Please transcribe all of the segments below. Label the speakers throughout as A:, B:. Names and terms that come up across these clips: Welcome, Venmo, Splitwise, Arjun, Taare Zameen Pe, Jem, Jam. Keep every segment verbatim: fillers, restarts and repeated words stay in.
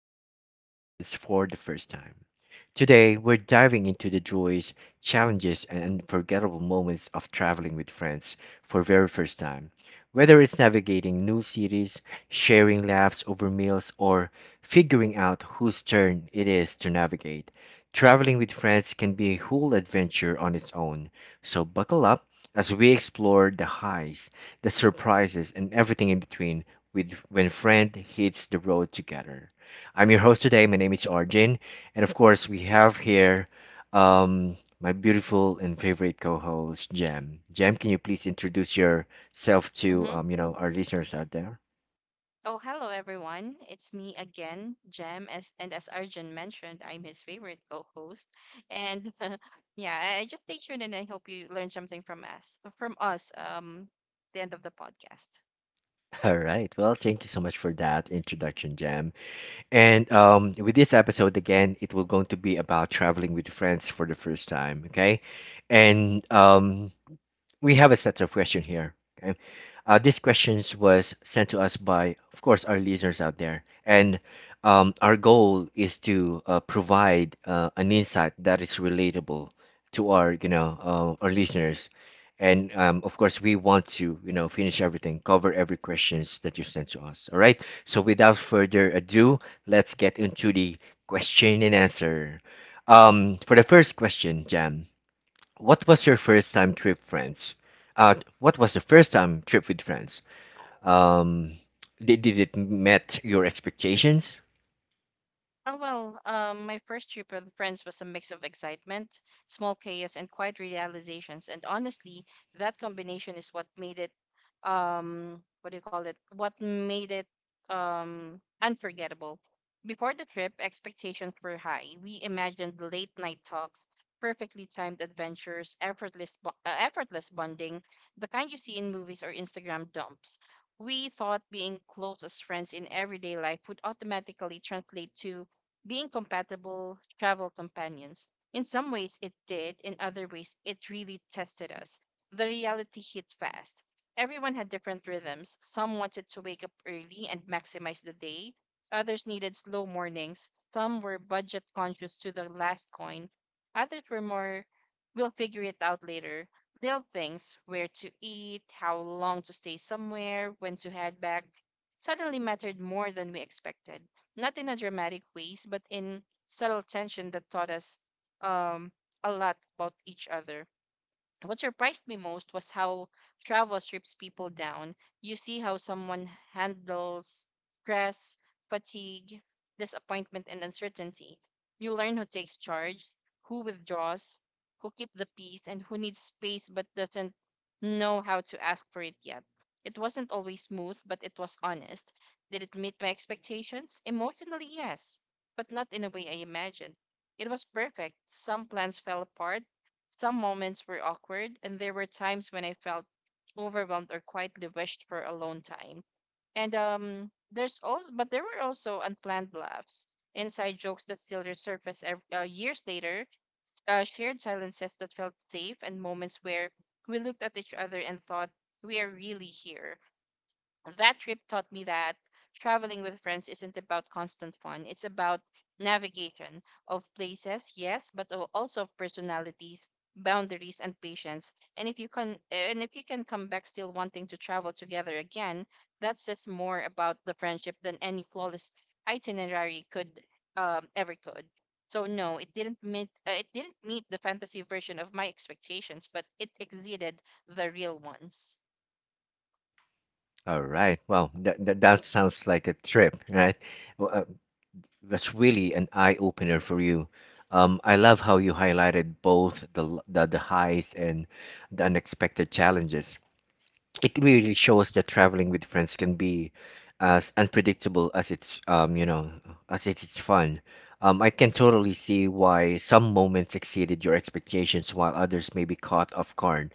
A: traveling with friends for the first time. Today, we're diving into the joys, challenges, and unforgettable moments of traveling with friends for very first time. Whether it's navigating new cities, sharing laughs over meals, or figuring out whose turn it is to navigate, traveling with friends can be a whole adventure on its own. So buckle up as we explore the highs, the surprises, and everything in between with when friend hits the road together. I'm your host today. My name is Arjun. And of course, we have here um, my beautiful and favorite co-host, Jam. Jam, can you please introduce yourself to
B: Mm-hmm.
A: um, you know, our listeners out there?
B: Oh, hello everyone. It's me again, Jem. As and as Arjun mentioned, I'm his favorite co-host. And yeah, I I just stay tuned, and I hope you learn something from us, from us, um, the end of the podcast.
A: All right. Well, thank you so much for that introduction, Jam. And um, with this episode again, it will going to be about traveling with friends for the first time. Okay, and um, we have a set of questions here. Okay, uh, these questions was sent to us by, of course, our listeners out there, and um, our goal is to uh, provide uh, an insight that is relatable to our, you know, uh, our listeners, and um, of course, we want to, you know, finish everything, cover every questions that you sent to us. All right. So without further ado, let's get into the question and answer. Um, for the first question, Jam. What was your first time trip, friends? Uh, what was the first time trip with friends? Um, did, did it met your expectations?
B: Oh, well, um, my first trip with friends was a mix of excitement, small chaos, and quiet realizations. And honestly, that combination is what made it, um, what do you call it? What made it um, unforgettable. Before the trip, expectations were high. We imagined late night talks, perfectly timed adventures, effortless, bo- uh, effortless bonding, the kind you see in movies or Instagram dumps. We thought being close as friends in everyday life would automatically translate to being compatible travel companions. In some ways it did; in other ways it really tested us. The reality hit fast. Everyone had different rhythms. Some wanted to wake up early and maximize the day. Others needed slow mornings. Some were budget conscious to the last coin. Others were more, "we'll figure it out later." Little things, where to eat, how long to stay somewhere, when to head back, suddenly mattered more than we expected, not in a dramatic ways, but in subtle tension that taught us um, a lot about each other. What surprised me most was how travel strips people down. You see how someone handles stress, fatigue, disappointment, and uncertainty. You learn who takes charge, who withdraws, who keeps the peace, and who needs space but doesn't know how to ask for it yet. It wasn't always smooth, but it was honest. Did it meet my expectations? Emotionally, yes, but not in a way I imagined. It was perfect. Some plans fell apart, some moments were awkward, and there were times when I felt overwhelmed or quietly wished for alone time. And um, there's also, but there were also unplanned laughs, inside jokes that still resurface ev- uh, years later, uh, shared silences that felt safe, and moments where we looked at each other and thought, "We are really here." That trip taught me that traveling with friends isn't about constant fun. It's about navigation of places, yes, but al- also of personalities, boundaries, and patience. And if you can, and if you can come back still wanting to travel together again, that says more about the friendship than any flawless itinerary could um, ever could. So no, it didn't meet uh, it didn't meet the fantasy version of my expectations, but it exceeded the real ones.
A: All right. Well, that, that that sounds like a trip, right? Well, uh, that's really an eye opener for you. Um, I love how you highlighted both the l- the, the highs and the unexpected challenges. It really shows that traveling with friends can be as unpredictable as it's um you know as it's it's fun. Um, I can totally see why some moments exceeded your expectations while others may be caught off guard.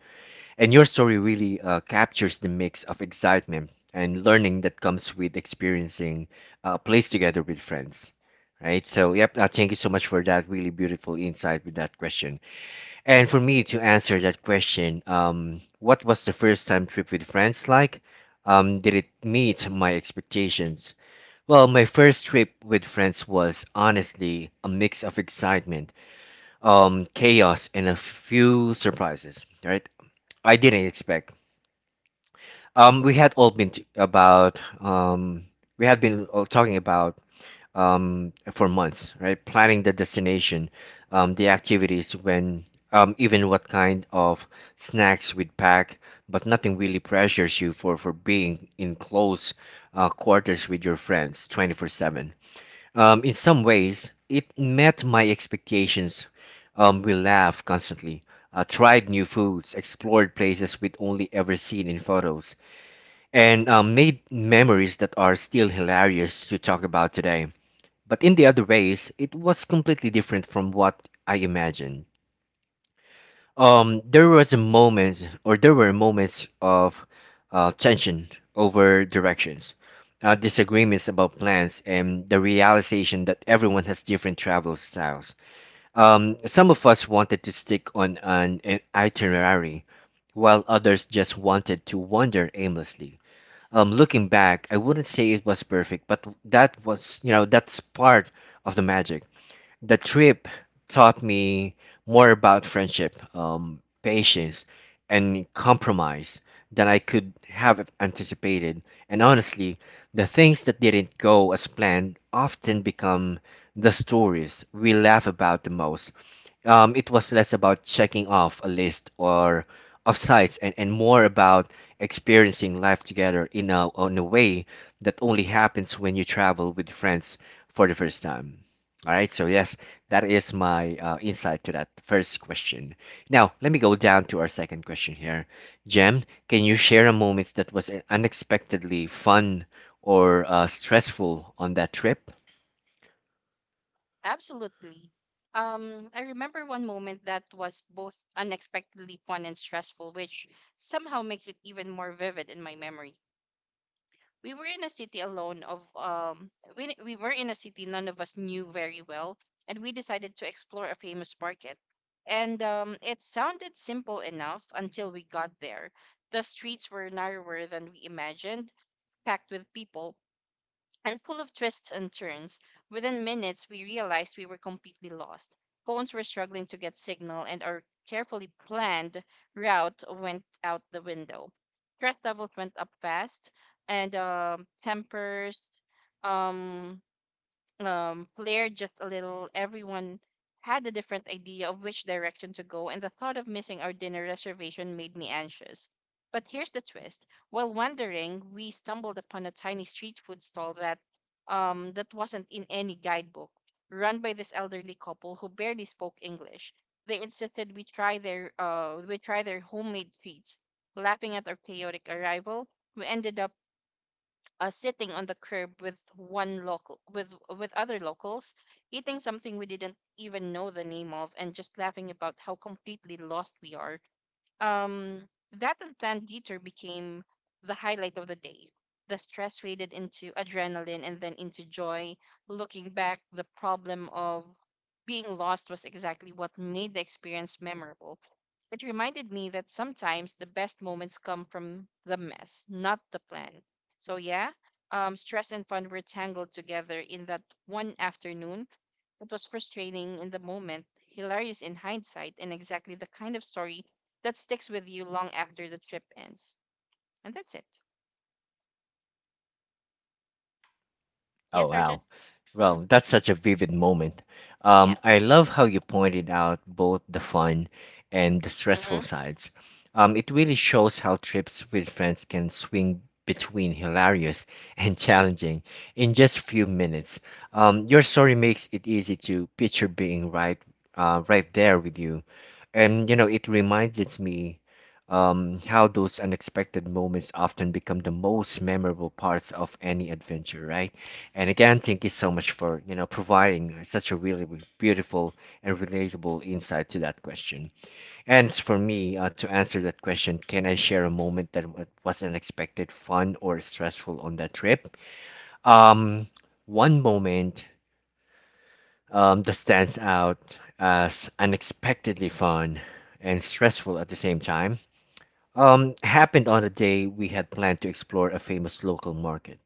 A: And your story really uh, captures the mix of excitement and learning that comes with experiencing uh, a place together with friends. Right? So, yep, uh, thank you so much for that really beautiful insight with that question. And for me to answer that question, um, what was the first time trip with friends like? Um, did it meet my expectations? Well, my first trip with friends was honestly a mix of excitement, um, chaos, and a few surprises. Right, I didn't expect. Um, we had all been t- about. Um, we had been all talking about um, for months, right? Planning the destination, um, the activities, when, um, even what kind of snacks we'd pack, but nothing really pressures you for, for being in close uh, quarters with your friends twenty-four seven. Um, in some ways, it met my expectations. Um, we laughed constantly, uh, tried new foods, explored places we'd only ever seen in photos, and um, made memories that are still hilarious to talk about today. But in the other ways, it was completely different from what I imagined. Um, there was a moment, or there were moments of uh, tension over directions, uh, disagreements about plans, and the realization that everyone has different travel styles. Um, some of us wanted to stick on an, an itinerary, while others just wanted to wander aimlessly. Um, looking back, I wouldn't say it was perfect, but that was, you know, that's part of the magic the trip taught me more about friendship, um, patience, and compromise than I could have anticipated. And honestly, the things that didn't go as planned often become the stories we laugh about the most. Um, it was less about checking off a list or of sites and, and more about experiencing life together in a, in a way that only happens when you travel with friends for the first time. All right, so yes, that is my uh, insight to that first question. Now, let me go down to our second question here. Jem, can you share a moment that was unexpectedly fun or uh, stressful on that trip?
B: Absolutely. Um, I remember one moment that was both unexpectedly fun and stressful, which somehow makes it even more vivid in my memory. We were in a city alone of um we, we were in a city none of us knew very well, and we decided to explore a famous market, and um, it sounded simple enough until we got there. The streets were narrower than we imagined, packed with people, and full of twists and turns. Within minutes, we realized we were completely lost. Phones were struggling to get signal, and our carefully planned route went out the window. Stress levels went up fast, and um tempers um, um, flared just a little. Everyone had a different idea of which direction to go, and the thought of missing our dinner reservation made me anxious. But here's the twist. While wandering, we stumbled upon a tiny street food stall that um, that wasn't in any guidebook, run by this elderly couple who barely spoke English. They insisted we try their uh, we try their homemade treats. Laughing at our chaotic arrival, we ended up uh, sitting on the curb with one local with with other locals, eating something we didn't even know the name of and just laughing about how completely lost we are. um, that unplanned detour became the highlight of the day. The stress faded into adrenaline and then into joy. Looking back, the problem of being lost was exactly what made the experience memorable. It reminded me that sometimes the best moments come from the mess, not the plan. So, yeah, um, stress and fun were tangled together in that one afternoon. It was frustrating in the moment, hilarious in hindsight, and exactly the kind of story that sticks with you long after the trip ends. And that's it.
A: Oh
B: Yes, Arjun?
A: wow.
B: Mm-hmm.
A: Well, that's such a vivid moment.
B: Yeah.
A: Um, I love how you pointed out both the fun and the stressful
B: Mm-hmm.
A: sides. Um, it really shows how trips with friends can swing between hilarious and challenging in just few minutes. Um, your story makes it easy to picture being right, uh, right there with you, and you know it reminds it's me um, how those unexpected moments often become the most memorable parts of any adventure, right? And again, thank you so much for you know providing such a really w- beautiful and relatable insight to that question. And for me uh, to answer that question, can I share a moment that wa- was unexpected, fun, or stressful on that trip? Um, One moment um, that stands out as unexpectedly fun and stressful at the same time um, happened on a day we had planned to explore a famous local market.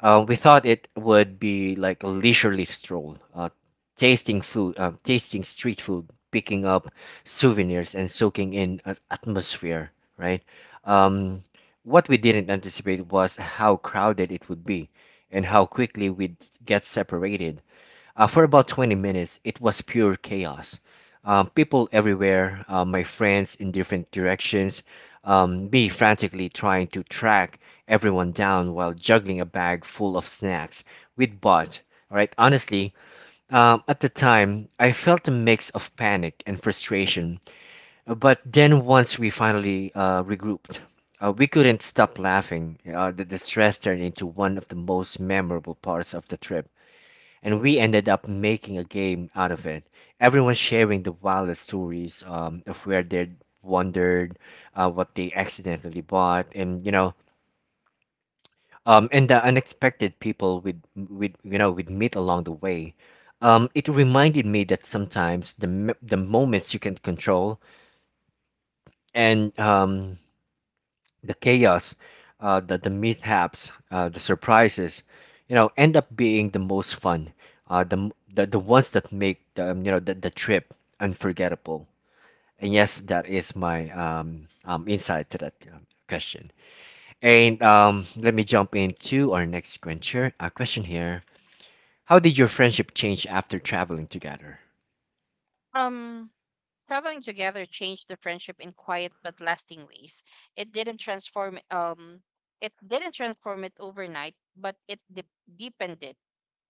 A: Uh, we thought it would be like a leisurely stroll, uh, tasting food, uh, tasting street food, picking up souvenirs, and soaking in an atmosphere, right? Um, what we didn't anticipate was how crowded it would be and how quickly we'd get separated. Uh, for about twenty minutes, it was pure chaos. Um, people everywhere, uh, my friends in different directions, um, me frantically trying to track everyone down while juggling a bag full of snacks we'd bought. All right, honestly, um, at the time, I felt a mix of panic and frustration. Uh, But then once we finally uh, regrouped, uh, we couldn't stop laughing. Uh, the, the stress turned into one of the most memorable parts of the trip and we ended up making a game out of it. Everyone sharing the wildest stories um, of where they wandered, uh, what they accidentally bought, and you know, um, and the unexpected people we'd we'd you know we'd meet along the way. Um, it reminded me that sometimes the m- the moments you can control and um, the chaos, uh, the, the mishaps, uh, the surprises, you know, end up being the most fun, uh, the, m- the the ones that make the um, you know the, the trip unforgettable. And yes, that is my um, um, insight to that uh, question. And um, let me jump into our next question uh, question here. How did your friendship change after traveling together?
B: Um, Traveling together changed the friendship in quiet but lasting ways. It didn't transform um it didn't transform it overnight, but it de- deepened it.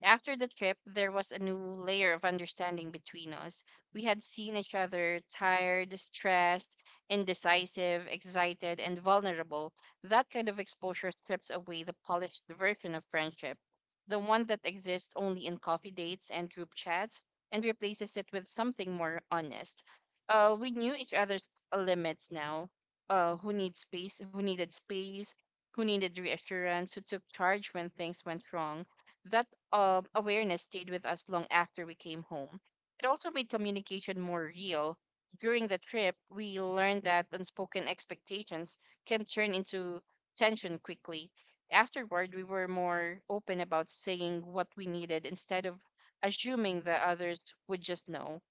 B: After the trip, there was a new layer of understanding between us. We had seen each other tired, stressed, indecisive, excited, and vulnerable. That kind of exposure strips away the polished version of friendship, the one that exists only in coffee dates and group chats, and replaces it with something more honest. Uh, we knew each other's limits now. Uh, who needs space? Who needed space? Who needed reassurance? Who took charge when things went wrong? That um, awareness stayed with us long after we came home. It also made communication more real. During the trip, we learned that unspoken expectations can turn into tension quickly. Afterward, we were more open about saying what we needed instead of assuming the others would just know.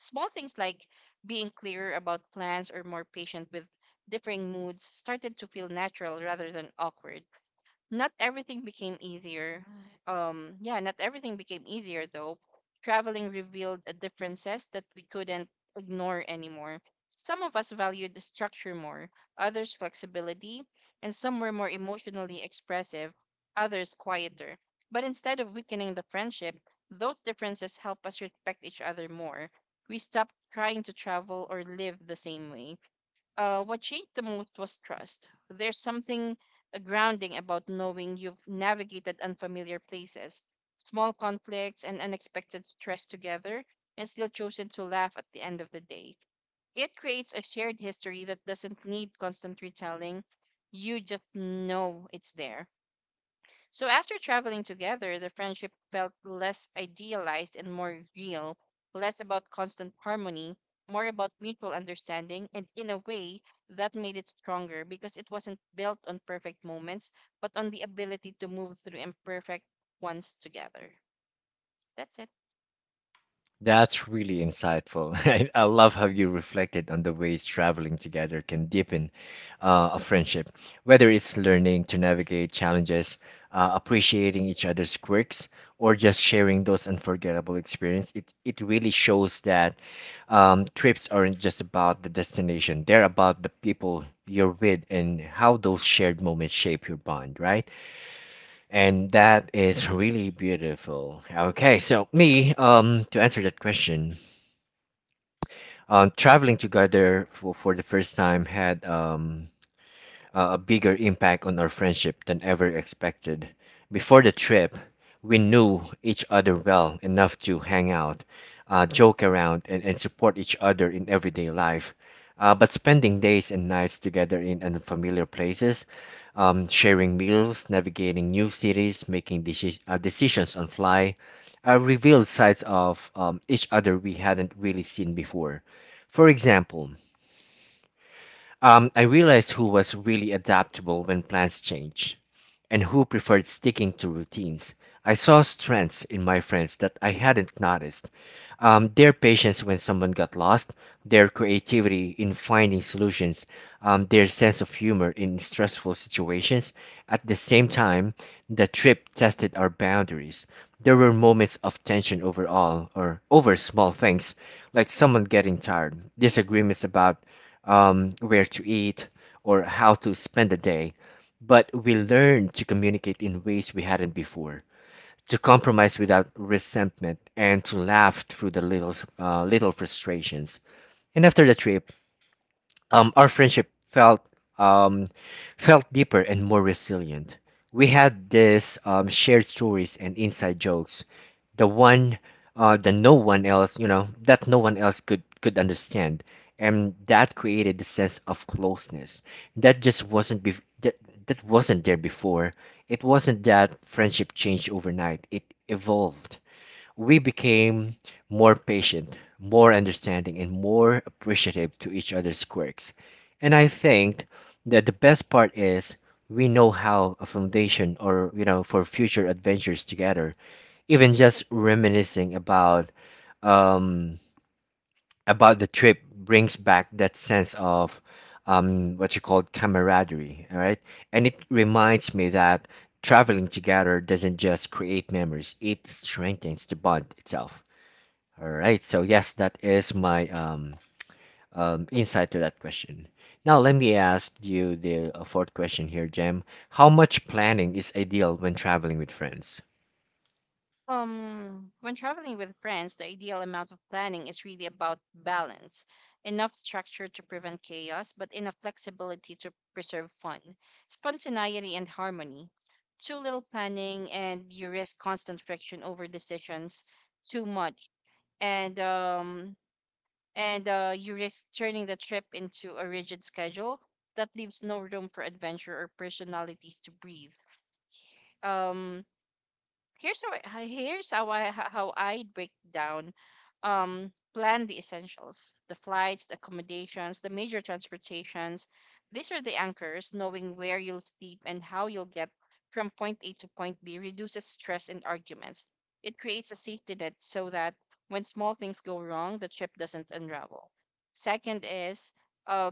B: Small things like being clearer about plans or more patient with differing moods started to feel natural rather than awkward. Not everything became easier. Um, yeah, Not everything became easier though. Traveling revealed a differences that we couldn't ignore anymore. Some of us valued the structure more, others flexibility, and some were more emotionally expressive, others quieter. But instead of weakening the friendship, those differences help us respect each other more. We stopped trying to travel or live the same way. Uh, what changed the most was trust. There's something uh, grounding about knowing you've navigated unfamiliar places, small conflicts, and unexpected stress together, and still chosen to laugh at the end of the day. It creates a shared history that doesn't need constant retelling. You just know it's there. So after traveling together, the friendship felt less idealized and more real, less about constant harmony, more about mutual understanding, and in a way that made it stronger, because it wasn't built on perfect moments, but on the ability to move through imperfect ones together. That's it.
A: That's really insightful. I, I love how you reflected on the ways traveling together can deepen uh, a friendship, whether it's learning to navigate challenges, uh, appreciating each other's quirks, or just sharing those unforgettable experiences. It, it really shows that um, trips aren't just about the destination, they're about the people you're with and how those shared moments shape your bond, right? And that is really beautiful. Okay, so me, um, to answer that question, um, traveling together for, for the first time had um, uh, a bigger impact on our friendship than ever expected. Before the trip, we knew each other well enough to hang out, uh, joke around, and, and support each other in everyday life. Uh, but spending days and nights together in unfamiliar places, um, sharing meals, navigating new cities, making deci- uh, decisions on fly, uh, revealed sides of um, each other we hadn't really seen before. For example, um, I realized who was really adaptable when plans change and who preferred sticking to routines. I saw strengths in my friends that I hadn't noticed. Um, their patience when someone got lost, their creativity in finding solutions, um, their sense of humor in stressful situations. At the same time, the trip tested our boundaries. There were moments of tension overall or over small things, like someone getting tired, disagreements about um, where to eat or how to spend the day but we learned to communicate in ways we hadn't before, to compromise without resentment, and to laugh through the little, uh, little frustrations. And after the trip, um, our friendship felt um, felt deeper and more resilient. We had this um, shared stories and inside jokes, the one uh, that no one else, you know, that no one else could could understand, and that created the sense of closeness that just wasn't bef that that wasn't there before. It wasn't that friendship changed overnight. It evolved we became more patient, more understanding, and more appreciative to each other's quirks. And I think that the best part is we know how a foundation or you know for future adventures together. Even just reminiscing about um about the trip brings back that sense of um what you call camaraderie, all right? And it reminds me that traveling together doesn't just create memories, it strengthens the bond itself. All right. So yes, that is my um, um insight to that question. Now let me ask you the uh, fourth question here, Jem. How much planning is ideal when traveling with friends?
B: Um, when traveling with friends, the ideal amount of planning is really about balance. Enough structure to prevent chaos, but enough flexibility to preserve fun, spontaneity, and harmony. Too little planning, and you risk constant friction over decisions. Too much, and um, and uh, you risk turning the trip into a rigid schedule that leaves no room for adventure or personalities to breathe. Um, here's how I, h- Here's how I how I break down. Um plan the essentials: the flights, the accommodations, the major transportations. These are the anchors. Knowing where you'll sleep and how you'll get from point A to point B reduces stress and arguments. It creates a safety net so that when small things go wrong, the trip doesn't unravel. Second is uh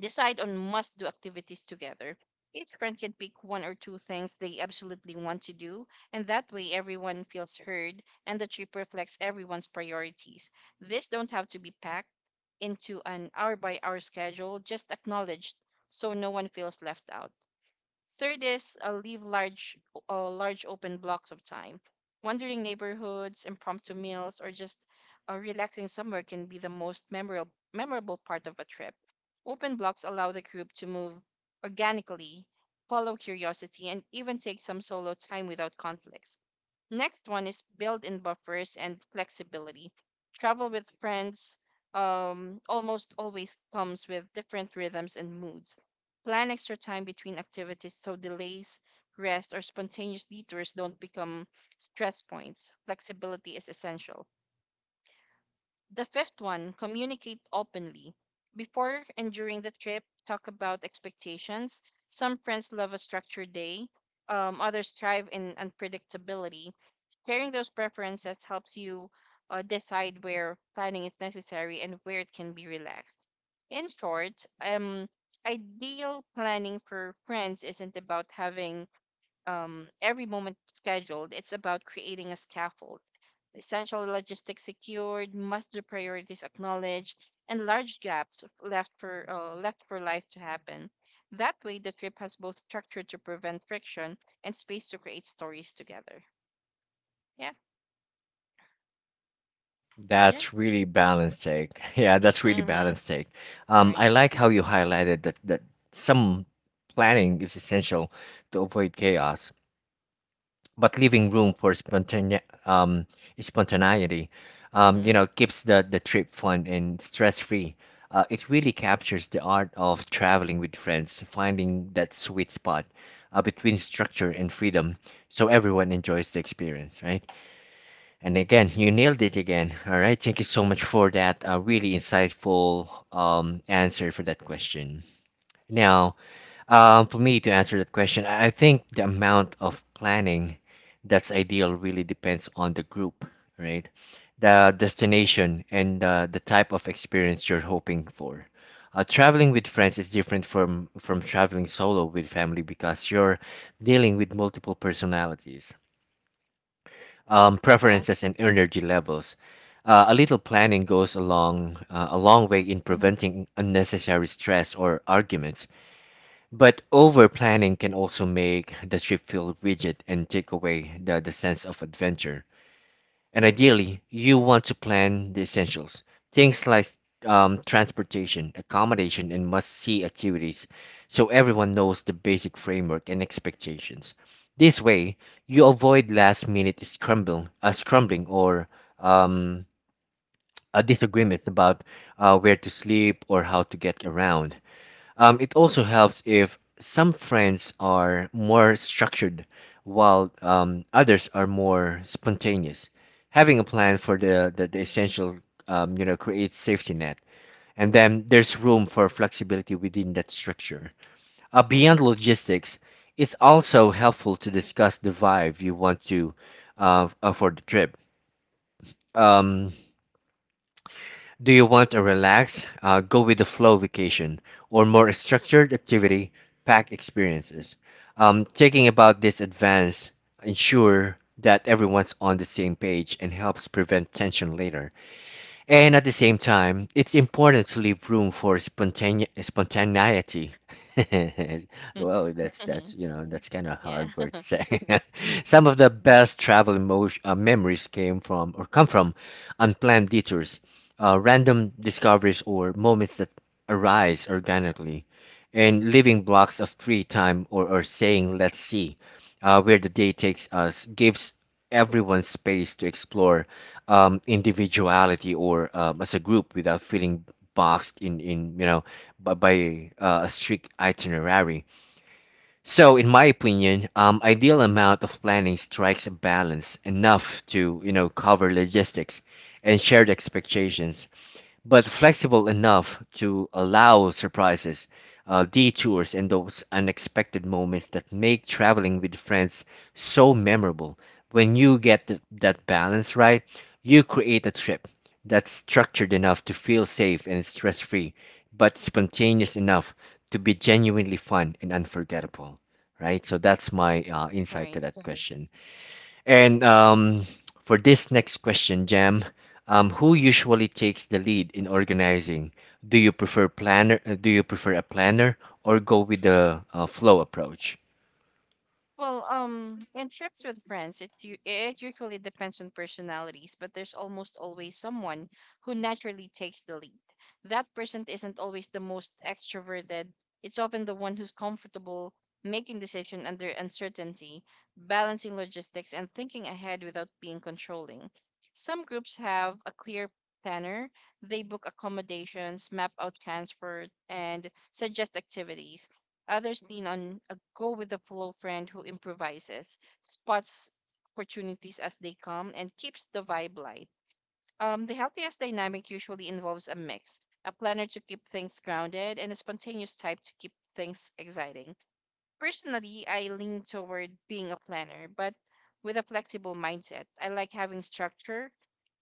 B: decide on must do activities together. Each friend can pick one or two things they absolutely want to do, and that way everyone feels heard and the trip reflects everyone's priorities. These don't have to be packed into an hour by hour schedule, just acknowledged so no one feels left out. Third is uh, leave large, uh, large open blocks of time. Wandering neighborhoods, impromptu meals, or just uh, relaxing somewhere can be the most memorable memorable part of a trip. Open blocks allow the group to move organically, follow curiosity, and even take some solo time without conflicts. Next one is build in buffers and flexibility. Travel with friends um, almost always comes with different rhythms and moods. Plan extra time between activities so delays, rest, or spontaneous detours don't become stress points. Flexibility is essential. The fifth one, communicate openly. Before and during the trip, talk about expectations. Some friends love a structured day, um, others thrive in unpredictability. Sharing those preferences helps you uh, decide where planning is necessary and where it can be relaxed. In short, um, ideal planning for friends isn't about having um, every moment scheduled. It's about creating a scaffold. Essential logistics secured, must-do priorities acknowledged, and large gaps left for uh, left for life to happen. That way, the trip has both structure to prevent friction and space to create stories together. Yeah, Arjun.
A: That's really balanced take. Yeah, that's really
B: Mm-hmm.
A: balanced take. Um, I
B: Right.
A: like how you highlighted that that some planning is essential to avoid chaos, but leaving room for spontane- um, spontaneity, um,
B: Mm-hmm.
A: you know, keeps the, the trip fun and stress free. Uh, it really captures the art of traveling with friends, finding that sweet spot uh, between structure and freedom, so everyone enjoys the experience, right? And again, you nailed it again. All right, thank you so much for that uh, really insightful um, answer for that question. Now, um, for me to answer that question, I I think the amount of planning that's ideal really depends on the group, right? The destination and uh, the type of experience you're hoping for. Uh, traveling with friends is different from from traveling solo with family because you're dealing with multiple personalities, um,
B: Yeah.
A: preferences, and energy levels. Uh, a little planning goes a long, uh, a long way
B: Mm-hmm.
A: in preventing unnecessary stress or arguments. But over planning can also make the trip feel rigid and take away the, the sense of adventure. And ideally, you want to plan the essentials, things like um, transportation, accommodation, and must see activities so everyone knows the basic framework and expectations. This way, you avoid last minute scramble, uh, scrambling or um, uh, disagreements about uh, where to sleep or how to get around. Um, it also helps if some friends are more structured while um, others are more spontaneous. Having a plan for the, the, the essential, um, you know, creates safety net. And then there's room for flexibility within that structure. Uh, beyond logistics, it's also helpful to discuss the vibe you want to uh, f- uh, for the trip. Um, Do you want a relaxed, uh, go with the flow vacation, or more structured activity packed experiences? Um, taking about this advance ensure that everyone's on the same page and helps prevent tension later. And at the same time, it's important to leave room for spontane- spontaneity. Well, that's
B: Mm-hmm.
A: that's you know that's kind of
B: Yeah.
A: hard word to say. Some of the best travel emo- uh, memories came from or come from unplanned detours, uh, random discoveries, or moments that arise organically, and leaving blocks of free time or or saying, let's see, uh, where the day takes us, gives everyone space to explore um, individuality or um, as a group without feeling boxed in, in you know by, by uh, a strict itinerary. So in my opinion, um, ideal amount of planning strikes a balance, enough to you know cover logistics and shared expectations but flexible enough to allow surprises, uh, detours, and those unexpected moments that make traveling with friends so memorable. When you get th- that balance right, you create a trip that's structured enough to feel safe and stress free, but spontaneous enough to be genuinely fun and unforgettable. Right? So that's my uh, insight
B: Right.
A: to that Right. question. And um, for this next question, Jam, um, who usually takes the lead in organizing? Do you prefer planner? uh, Do you prefer a planner or go with the uh, flow approach?
B: Well, um, in trips with friends, it u- it usually depends on personalities, but there's almost always someone who naturally takes the lead. That person isn't always the most extroverted. It's often the one who's comfortable making decision under uncertainty, balancing logistics, and thinking ahead without being controlling. Some groups have a clear planner. They book accommodations, map out transfer, and suggest activities. Others lean on a go with the flow friend who improvises, spots opportunities as they come, and keeps the vibe light. Um, the healthiest dynamic usually involves a mix, a planner to keep things grounded and a spontaneous type to keep things exciting. Personally, I lean toward being a planner, but with a flexible mindset. I like having structure,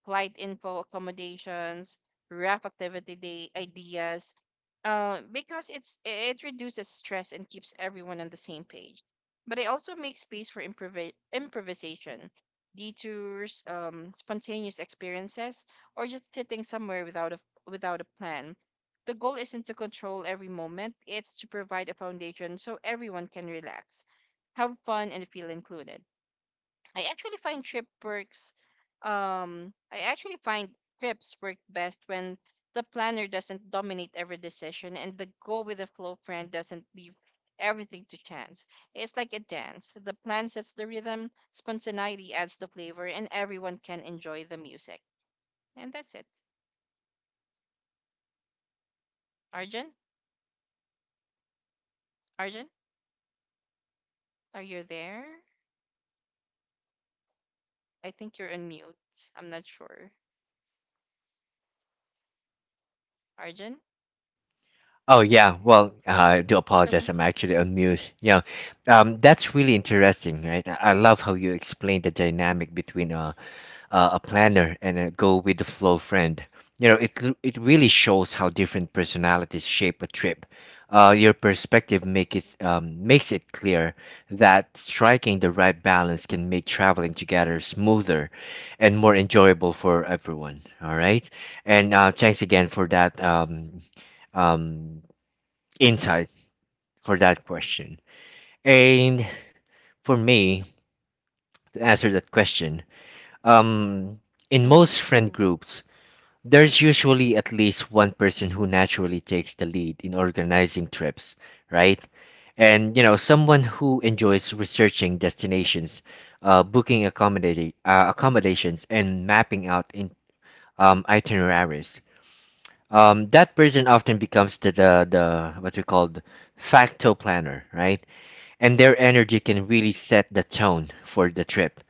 B: flight info, accommodations, rough activity day ideas, uh, because it's it reduces stress and keeps everyone on the same page. But I also make space for improv- improvisation, detours, um, spontaneous experiences, or just sitting somewhere without a without a plan. The goal isn't to control every moment, it's to provide a foundation so everyone can relax, have fun, and feel included. I actually find trip works um I actually find trips work best when the planner doesn't dominate every decision and the go with the flow friend doesn't leave everything to chance. It's like a dance. The plan sets the rhythm, spontaneity adds the flavor, and everyone can enjoy the music. And that's it. Arjun? Arjun? Are you there? I think you're on mute. I'm not sure. Arjun?
A: Oh yeah, well, uh, I do apologize. I'm actually on mute. Yeah, um, that's really interesting, right? I I love how you explain the dynamic between a a a planner and a go with the flow friend. You know, it l- it really shows how different personalities shape a trip. Uh, your perspective make it um, makes it clear that striking the right balance can make traveling together smoother and more enjoyable for everyone. All right, and uh, thanks again for that. Um, um, insight for that question. And for me, to answer that question, um, in
B: Hmm.
A: most friend groups, there's usually at least one person who naturally takes the lead in organizing trips, right? And you know, someone who enjoys researching destinations, uh, booking accommodating uh, accommodations, and mapping out in um, itineraries. Um, that person often becomes the, the the what we call the facto planner, right? And their energy can really set the tone for the trip.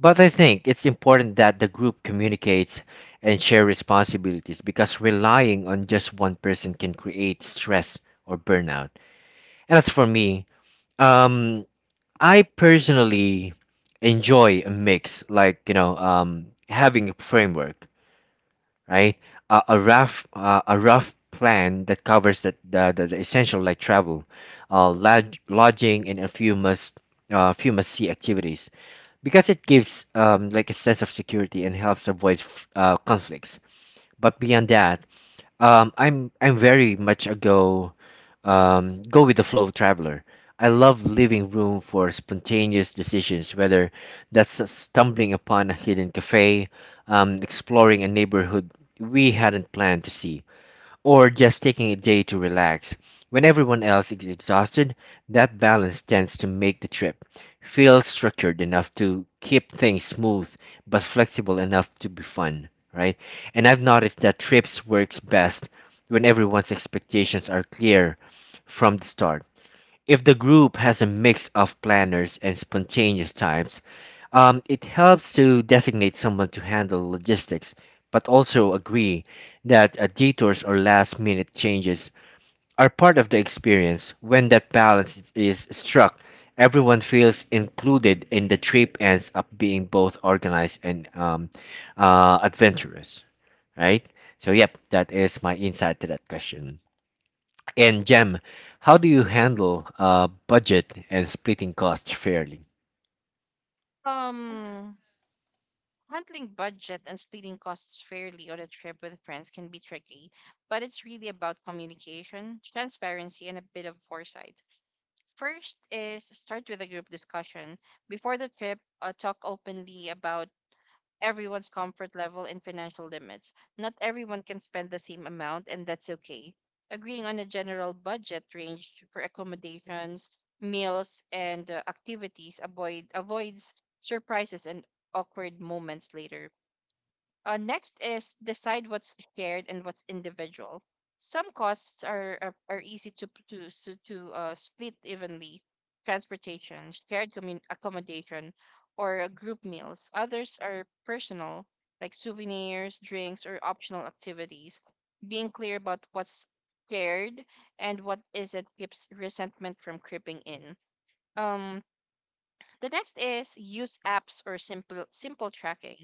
A: But I think it's important that the group communicates and share responsibilities because relying on just one person can create stress or burnout. And as for me, um, I personally enjoy a mix, like, you know, um, having a framework, right? Uh, A a rough uh, a rough plan that covers the the, the, the essential like travel, uh, lodg- lodging, and a few must uh, few must see activities because it gives um, like a sense of security and helps avoid f- uh, conflicts. But beyond that, um, I'm I'm very much a go um, go with the flow traveler. I love leaving room for spontaneous decisions, whether that's stumbling upon a hidden cafe, um, exploring a neighborhood we hadn't planned to see, or just taking a day to relax. When everyone else is exhausted, that balance tends to make the trip feel structured enough to keep things smooth but flexible enough to be fun, right? And I've noticed that trips works best when everyone's expectations are clear from the start. If the group has a mix of planners and spontaneous types, um, it helps to designate someone to handle logistics, but also agree that uh, detours or last minute changes are part of the experience. When that balance is struck, everyone feels included, and the trip ends up being both organized and um, uh, adventurous, right? So, yep, that is my insight to that question. And Jem, how do you handle uh, budget and splitting costs fairly?
B: Um, handling budget and splitting costs fairly on a trip with friends can be tricky, but it's really about communication, transparency, and a bit of foresight. First is start with a group discussion. Before the trip, uh, talk openly about everyone's comfort level and financial limits. Not everyone can spend the same amount, and that's okay. Agreeing on a general budget range for accommodations, meals, and uh, activities avoid avoids surprises and awkward moments later. Uh, next is decide what's shared and what's individual. Some costs are are, are easy to p- to s- to uh, split evenly, transportation, shared commun- accommodation, or uh, group meals. Others are personal, like souvenirs, drinks, or optional activities. Being clear about what's shared and what isn't keeps resentment from creeping in. Um, the next is use apps or simple simple tracking,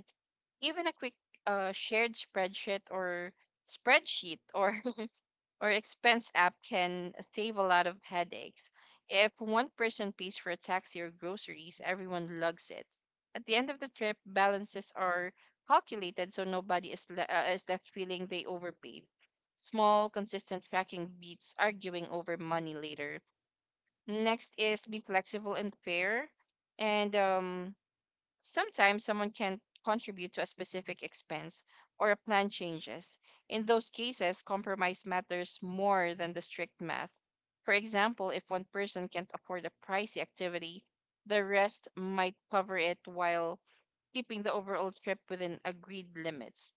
B: even a quick uh, shared spreadsheet or spreadsheet or or expense app can save a lot of headaches. If one person pays for a taxi or groceries, everyone lugs it. At the end of the trip, balances are calculated so nobody is, le- uh, is left feeling they overpaid. Small, consistent tracking beats arguing over money later. Next is be flexible and fair. And um, Sometimes someone can contribute to a specific expense or a plan changes. In those cases, compromise matters more than the strict math. For example, if one person can't afford a pricey activity, the rest might cover it while keeping the overall trip within agreed limits.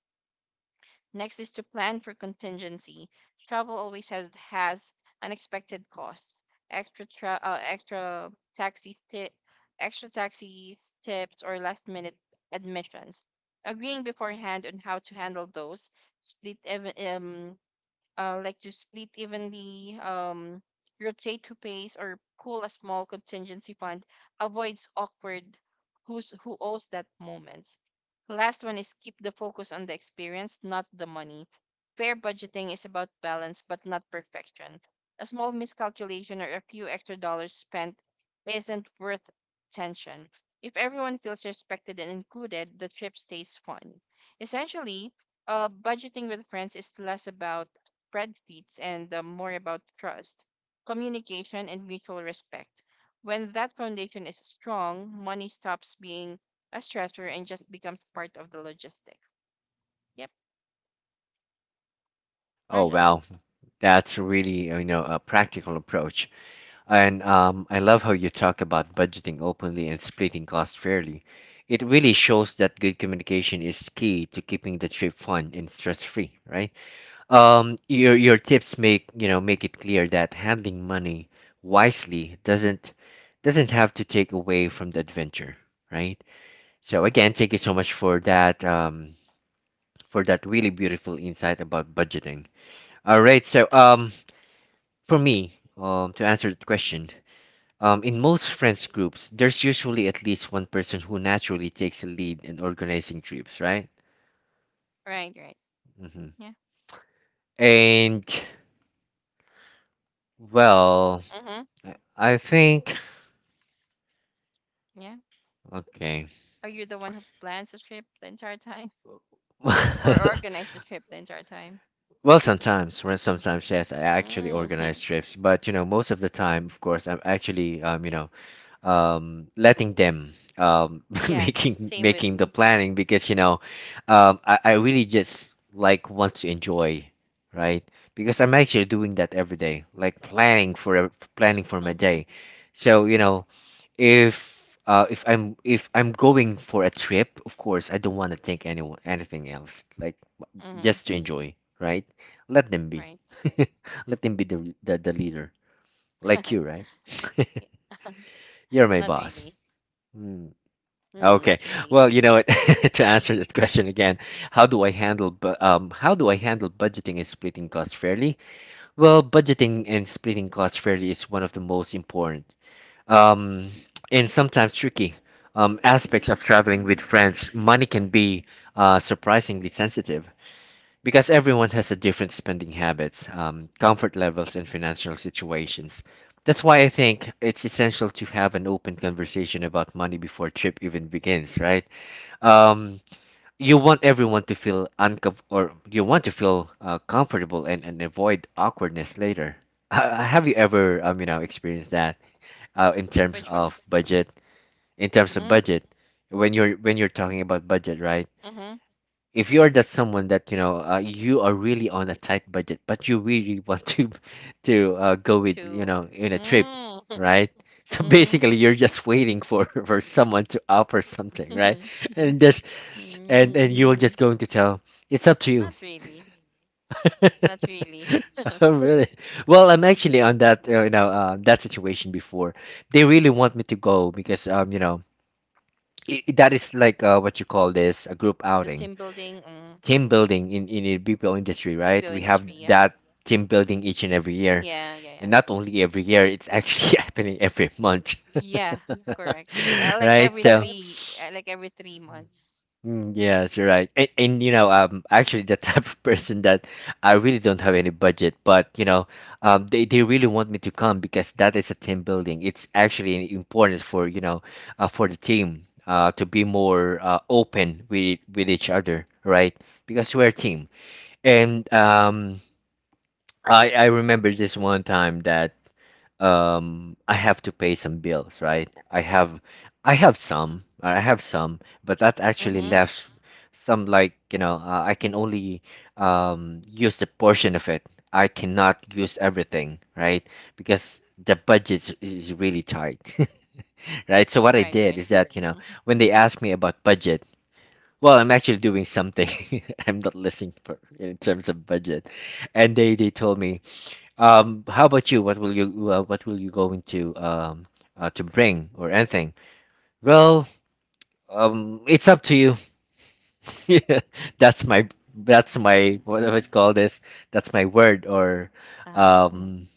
B: Next is to plan for contingency. Travel always has has unexpected costs. Extra tra- uh, extra taxi ti- extra taxis, tips, or last minute admissions. Agreeing beforehand on how to handle those, split ev- um, uh, like to split evenly, um, rotate who pays, or pool a small contingency fund avoids awkward who's who owes that moments. Last one is keep the focus on the experience, not the money. Fair budgeting is about balance, but not perfection. A small miscalculation or a few extra dollars spent isn't worth tension. If everyone feels respected and included, the trip stays fun. Essentially, uh, budgeting with friends is less about spreadsheets and uh, more about trust, communication, and mutual respect. When that foundation is strong, money stops being a stressor and just becomes part of the logistic. Yep,
A: Oh
B: Arjun.
A: wow, that's really uh, you know a practical approach, and um, I love how you talk about budgeting openly and splitting costs fairly. It really shows that good communication is key to keeping the trip fun and stress free, right? Um, your your tips make you know make it clear that handling money wisely doesn't doesn't have to take away from the adventure, right? So again, thank you so much for that um, for that really beautiful insight about budgeting. All right, so um, for me, um, to answer the question, um, in most friends groups, there's usually at least one person who naturally takes a lead in organizing trips, right?
B: Right, right.
A: hmm
B: Yeah.
A: And well,
B: Mm-hmm.
A: I I think
B: Yeah.
A: okay.
B: Are you the one who plans the trip the entire time or organize the trip the entire time?
A: Well, sometimes, well, sometimes yes, I actually organize
B: Mm-hmm.
A: trips, but you know, most of the time, of course, I'm actually um, you know, um, letting them um,
B: Yeah,
A: making
B: same with
A: making the
B: me.
A: planning because you know um, I, I really just like want to enjoy, right? Because I'm actually doing that every day, like planning for ev- planning for my
B: Mm-hmm.
A: day, so you know, if uh, if I'm if I'm going for a trip, of course I don't want to think anyone anything else, like w-
B: Mm-hmm.
A: just to enjoy, right? Let them be.
B: Right.
A: Let them be the the, the leader, like
B: Yeah.
A: you, right? You're my
B: Not
A: boss.
B: really.
A: Hmm.
B: Mm,
A: Okay.
B: not really.
A: Well, you know what? To answer that question again, how do I handle bu- um how do I handle budgeting and splitting costs fairly? Well, budgeting and splitting costs fairly is one of the most important um and sometimes tricky um aspects of traveling with friends. Money can be uh surprisingly sensitive because everyone has a different spending habits, um comfort levels and financial situations. That's why I think it's essential to have an open conversation about money before trip even begins, right? um you want everyone to feel uncom, or you want to feel uh, comfortable and, and avoid awkwardness later. Ha- Have you ever um you know experienced that uh, in terms
B: Which
A: of
B: one?
A: budget in terms of budget when you're when you're talking about budget, right?
B: Mm-hmm.
A: If you are that someone that you know uh, you are really on a tight budget but you really want to to uh, go with you
B: two.
A: know in a trip,
B: Mm.
A: right? So
B: Mhm.
A: basically you're just waiting for for someone to offer something, right?
B: Mhm.
A: And there's and and
B: Mm.
A: you're just going to tell, it's up to you.
B: Not really. Not really.
A: Oh, really. Well, I'm actually
B: Mhm.
A: on that uh, you know uh, that situation before. They really want me to go because um you know i i- that is like uh, what you call this, a group
B: The
A: outing,
B: team building, mm.
A: team building in in the
B: Mhm.
A: B P O industry, right?
B: B P O
A: We have
B: industry, yeah.
A: that team building each and every year,
B: Yeah, yeah, yeah.
A: and not only every year, it's actually happening every month.
B: Yeah, correct. Uh, like
A: Right,
B: every
A: so
B: three, uh, like every three months.
A: Mm, yes, you're right. And, and you know, I'm actually the type of person that I really don't have any budget, but you know, um, they, they really want me to come because that is a team building. It's actually important for, you know, uh, for the team uh, to be more uh, open with with each other, right? Because we're a team. And um, I I remember this one time that um I have to pay some bills, right? I have I have some, I have some, but that actually
B: Mm-hmm.
A: left some, like, you know, uh, I can only um use a portion of it. I cannot use everything, right? Because the budget is is really tight, right? So what I
B: Right,
A: did
B: right.
A: is that, you know,
B: Mm-hmm.
A: when they asked me about budget, well, I'm actually doing something. I'm not listening for in terms of budget. And they they told me, um, how about you? What will you uh, what will you going to um uh, to bring or anything? Well, um, it's up to you. That's my that's my what do I call this? That's my word or
B: Uh-huh.
A: um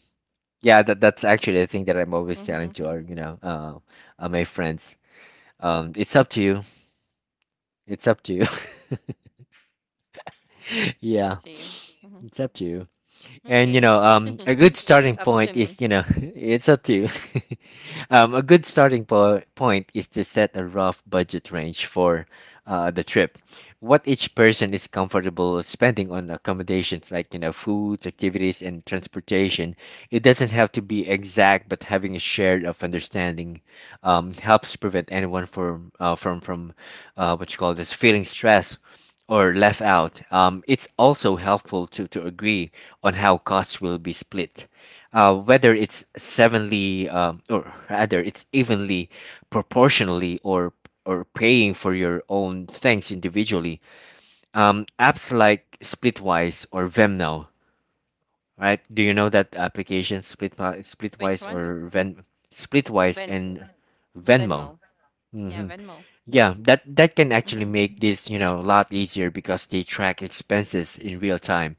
A: yeah, that that's actually the thing that I'm always
B: Mm-hmm.
A: telling to our, you know uh, uh my friends. Um, it's up to you. It's up to you.
B: It's up
A: Yeah,
B: to you. Mm-hmm.
A: it's up to you. And you
B: Okay.
A: know um a good starting
B: Up to
A: point
B: me.
A: is, you know it's up to you. Um, a good starting po point is to set a rough budget range for uh, the trip. What each person is comfortable spending on accommodations, like, you know, foods, activities, and transportation. It doesn't have to be exact, but having a shared of understanding um, helps prevent anyone from uh, from from uh, what you call this, feeling stress or left out. Um, it's also helpful to to agree on how costs will be split, uh, whether it's sevenly, um, or rather it's evenly, proportionally, or or paying for your own things individually. Um, apps like Splitwise or Vemnow, right? Do you know that application, split
B: Which
A: Splitwise
B: one?
A: or Ven, Splitwise
B: Ven
A: and Venmo?
B: Venmo. Yeah,
A: hmm
B: Venmo.
A: yeah, that that can actually
B: Mm-hmm.
A: make this, you know, a lot easier because they track expenses in real time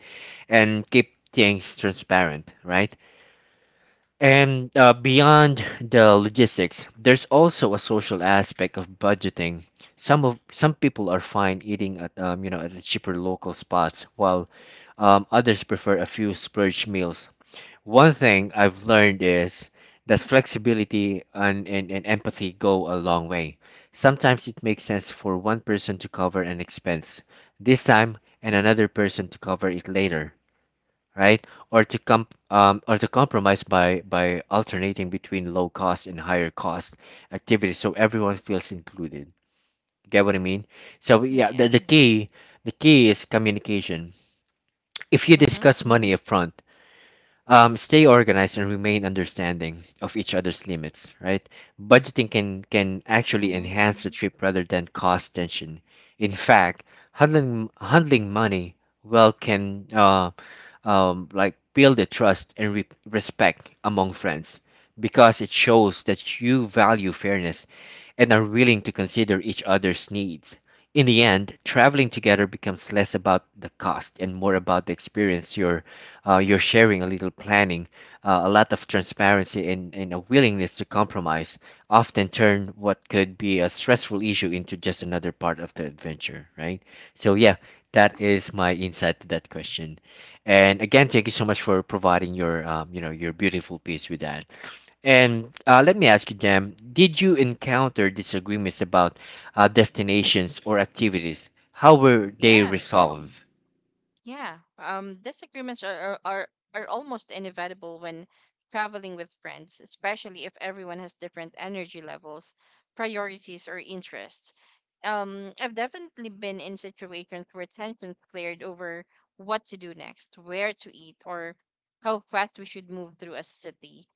A: and keep things transparent, right? And uh, beyond the logistics, there's also a social aspect of budgeting. Some of some people are fine eating at, um, you know, at the cheaper local spots, while, um, others prefer a few splurge meals. One thing I've learned is that flexibility and, and, and empathy go a long way. Sometimes it makes sense for one person to cover an expense this time and another person to cover it later, right? Or to comp um, or to compromise by by alternating between low cost and higher cost activities, so everyone feels included. Get what I mean? So
B: Yeah,
A: yeah, the,
B: yeah.
A: the key the key is communication. If you
B: Mm-hmm.
A: discuss money upfront, um, stay organized and remain understanding of each other's limits, right? Budgeting can can actually
B: Mm-hmm.
A: enhance the trip rather than cause tension. In fact, handling handling money well can, uh, um, like, build the trust and re- respect among friends because it shows that you value fairness and are willing to consider each other's needs. In the end, traveling together becomes less about the cost and more about the experience. You're, uh, you're sharing a little planning, uh, a lot of transparency, and, and a willingness to compromise often turn what could be a stressful issue into just another part of the adventure, right? So, yeah, that is my insight to that question. And again, thank you so much for providing your, um, you know, your beautiful piece with that. And uh, let me ask you, Jam, did you encounter disagreements about uh, destinations or activities? How were they
B: Yeah.
A: resolved?
B: Yeah, um, disagreements are, are are are almost inevitable when traveling with friends, especially if everyone has different energy levels, priorities, or interests. Um, I've definitely been in situations where tensions cleared over what to do next, where to eat, or how fast we should move through a city.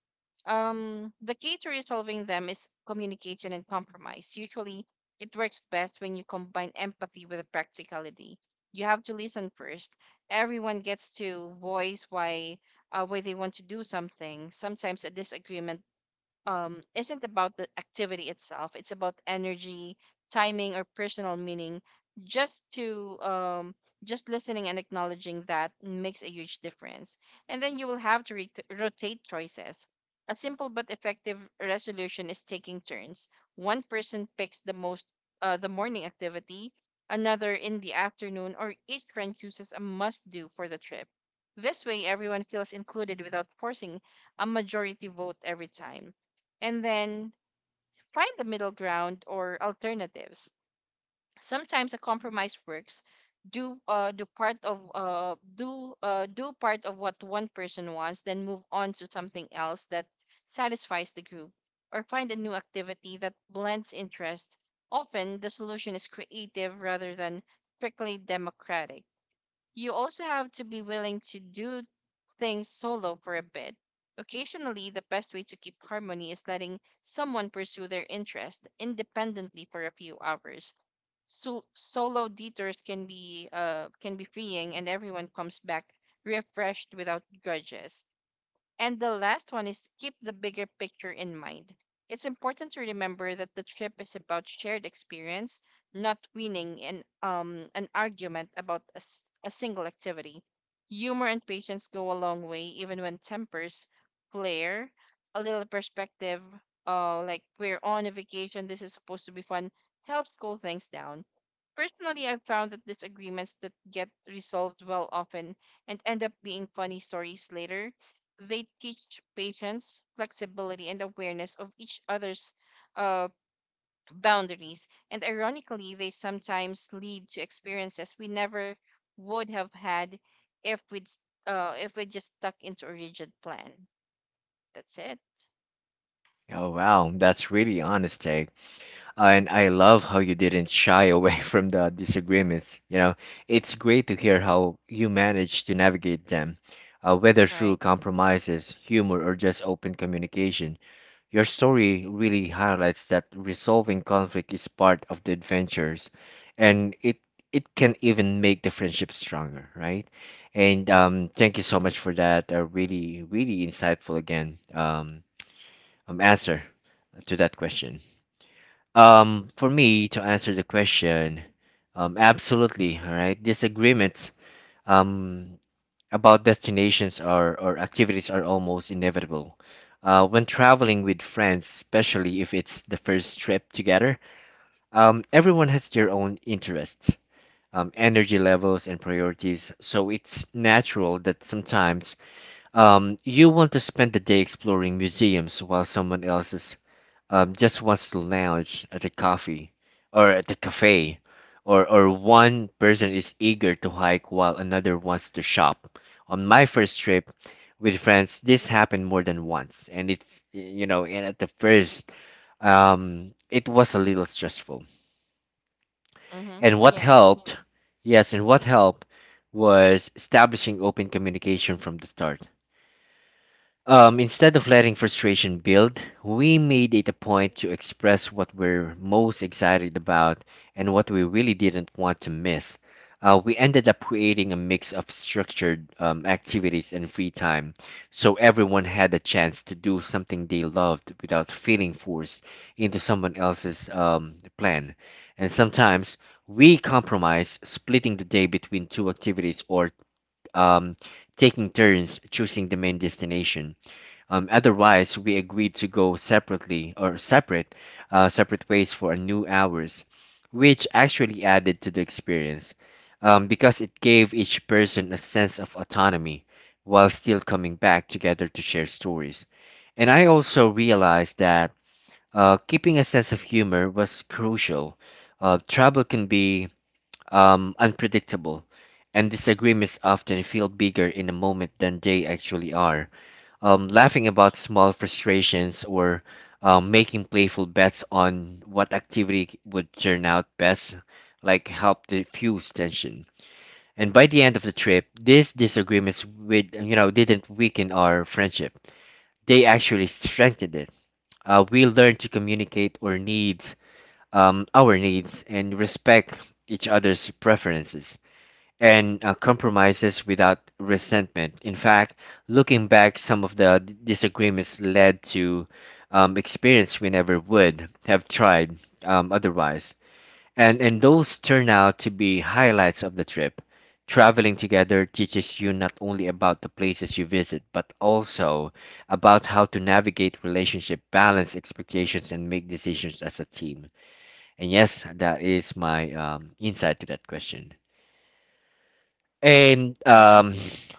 B: Um, the key to resolving them is communication and compromise. Usually, it works best when you combine empathy with practicality. You have to listen first. Everyone gets to voice why uh, why they want to do something. Sometimes a disagreement um, isn't about the activity itself. It's about energy, timing, or personal meaning. Just to um, just listening and acknowledging that makes a huge difference. And then you will have to re- rotate choices. A simple but effective resolution is taking turns. One person picks the most uh, the morning activity, another in the afternoon, or each friend chooses a must-do for the trip. This way, everyone feels included without forcing a majority vote every time, and then find the middle ground or alternatives. Sometimes a compromise works. Do uh, do part of uh, do uh, do part of what one person wants, then move on to something else that satisfies the group, or find a new activity that blends interest. Often, the solution is creative rather than strictly democratic. You also have to be willing to do things solo for a bit. Occasionally, the best way to keep harmony is letting someone pursue their interest independently for a few hours. So, solo detours can be uh, can be freeing, and everyone comes back refreshed without grudges. And the last one is keep the bigger picture in mind. It's important to remember that the trip is about shared experience, not winning an, um, an argument about a, s- a single activity. Humor and patience go a long way, even when tempers flare. A little perspective, uh, like we're on a vacation, this is supposed to be fun, helps cool things down. Personally, I've found that disagreements that get resolved well often and end up being funny stories later. They teach patience, flexibility, and awareness of each other's uh, boundaries. And ironically, they sometimes lead to experiences we never would have had if we'd s- uh, if we just stuck into a rigid plan. That's it,
A: Oh wow, that's really honest take. And I love how you didn't shy away from the disagreements. You know, it's great to hear how you managed to navigate them, uh, whether through
B: right?
A: compromises, humor, or just open communication. Your story really highlights that resolving conflict is part of the adventures, and it it can even make the friendship stronger, right? And um, thank you so much for that. Uh, really, really insightful again. Um, um, answer to that question. Um, for me to answer the question, um, absolutely. All right, disagreements. Um, about destinations or, or activities are almost inevitable. Uh, when traveling with friends, especially if it's the first trip together, um, everyone has their own interests, um, energy levels, and priorities. So it's natural that sometimes, um, you want to spend the day exploring museums while someone else is, um, just wants to lounge at the coffee or at the cafe, or, or one person is eager to hike while another wants to shop. On my first trip with friends, this happened more than once, and it's, you know, and at the first, um, it was a little stressful.
B: Mm-hmm.
A: And what
B: Yeah.
A: helped, yes, and what helped was establishing open communication from the start. Um, instead of letting frustration build, we made it a point to express what we're most excited about and what we really didn't want to miss. Uh, we ended up creating a mix of structured, um, activities and free time, so everyone had a chance to do something they loved without feeling forced into someone else's, um, plan. And sometimes we compromise, splitting the day between two activities or, um, taking turns choosing the main destination. Um, otherwise, we agreed to go separately or separate, uh, separate ways for a new hours, which actually added to the experience, um, because it gave each person a sense of autonomy while still coming back together to share stories. And I also realized that uh, keeping a sense of humor was crucial. Uh, trouble can be, um, unpredictable, and disagreements often feel bigger in a moment than they actually are. Um, laughing about small frustrations, or, um, making playful bets on what activity would turn out best, like, help diffuse tension. And by the end of the trip, these disagreements, with you know, didn't weaken our friendship; they actually strengthened it. Uh, we learned to communicate our needs, um, our needs, and respect each other's preferences and uh, compromises without resentment. In fact, looking back, some of the d- disagreements led to, um, experience we never would have tried, um, otherwise. And, and those turn out to be highlights of the trip. Traveling together teaches you not only about the places you visit, but also about how to navigate relationship, balance expectations, and make decisions as a team. And yes, that is my, um, insight to that question. And
B: Uh huh.
A: um,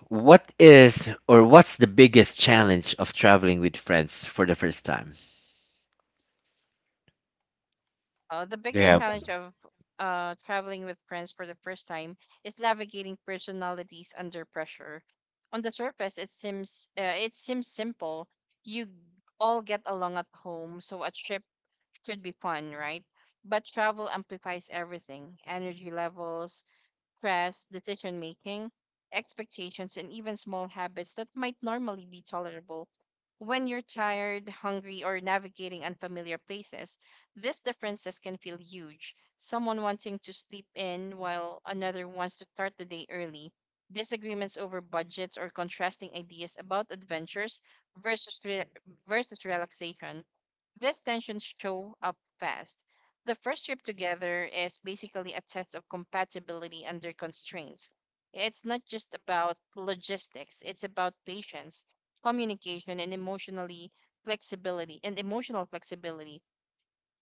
A: what is, or what's the biggest challenge of traveling with friends for the first time?
B: Uh, the
A: Do you
B: biggest
A: have?
B: challenge of uh, traveling with friends for the first time is navigating personalities under pressure. On the surface, it seems uh, it seems simple. You all get along at home, so a trip should be fun, right? But travel amplifies everything: energy levels, stress, decision making, expectations, and even small habits that might normally be tolerable. When you're tired, hungry, or navigating unfamiliar places, these differences can feel huge. Someone wanting to sleep in while another wants to start the day early. Disagreements over budgets or contrasting ideas about adventures versus, re- versus relaxation, these tensions show up fast. The first trip together is basically a test of compatibility under constraints. It's not just about logistics, it's about patience, communication, and emotionally flexibility and emotional flexibility.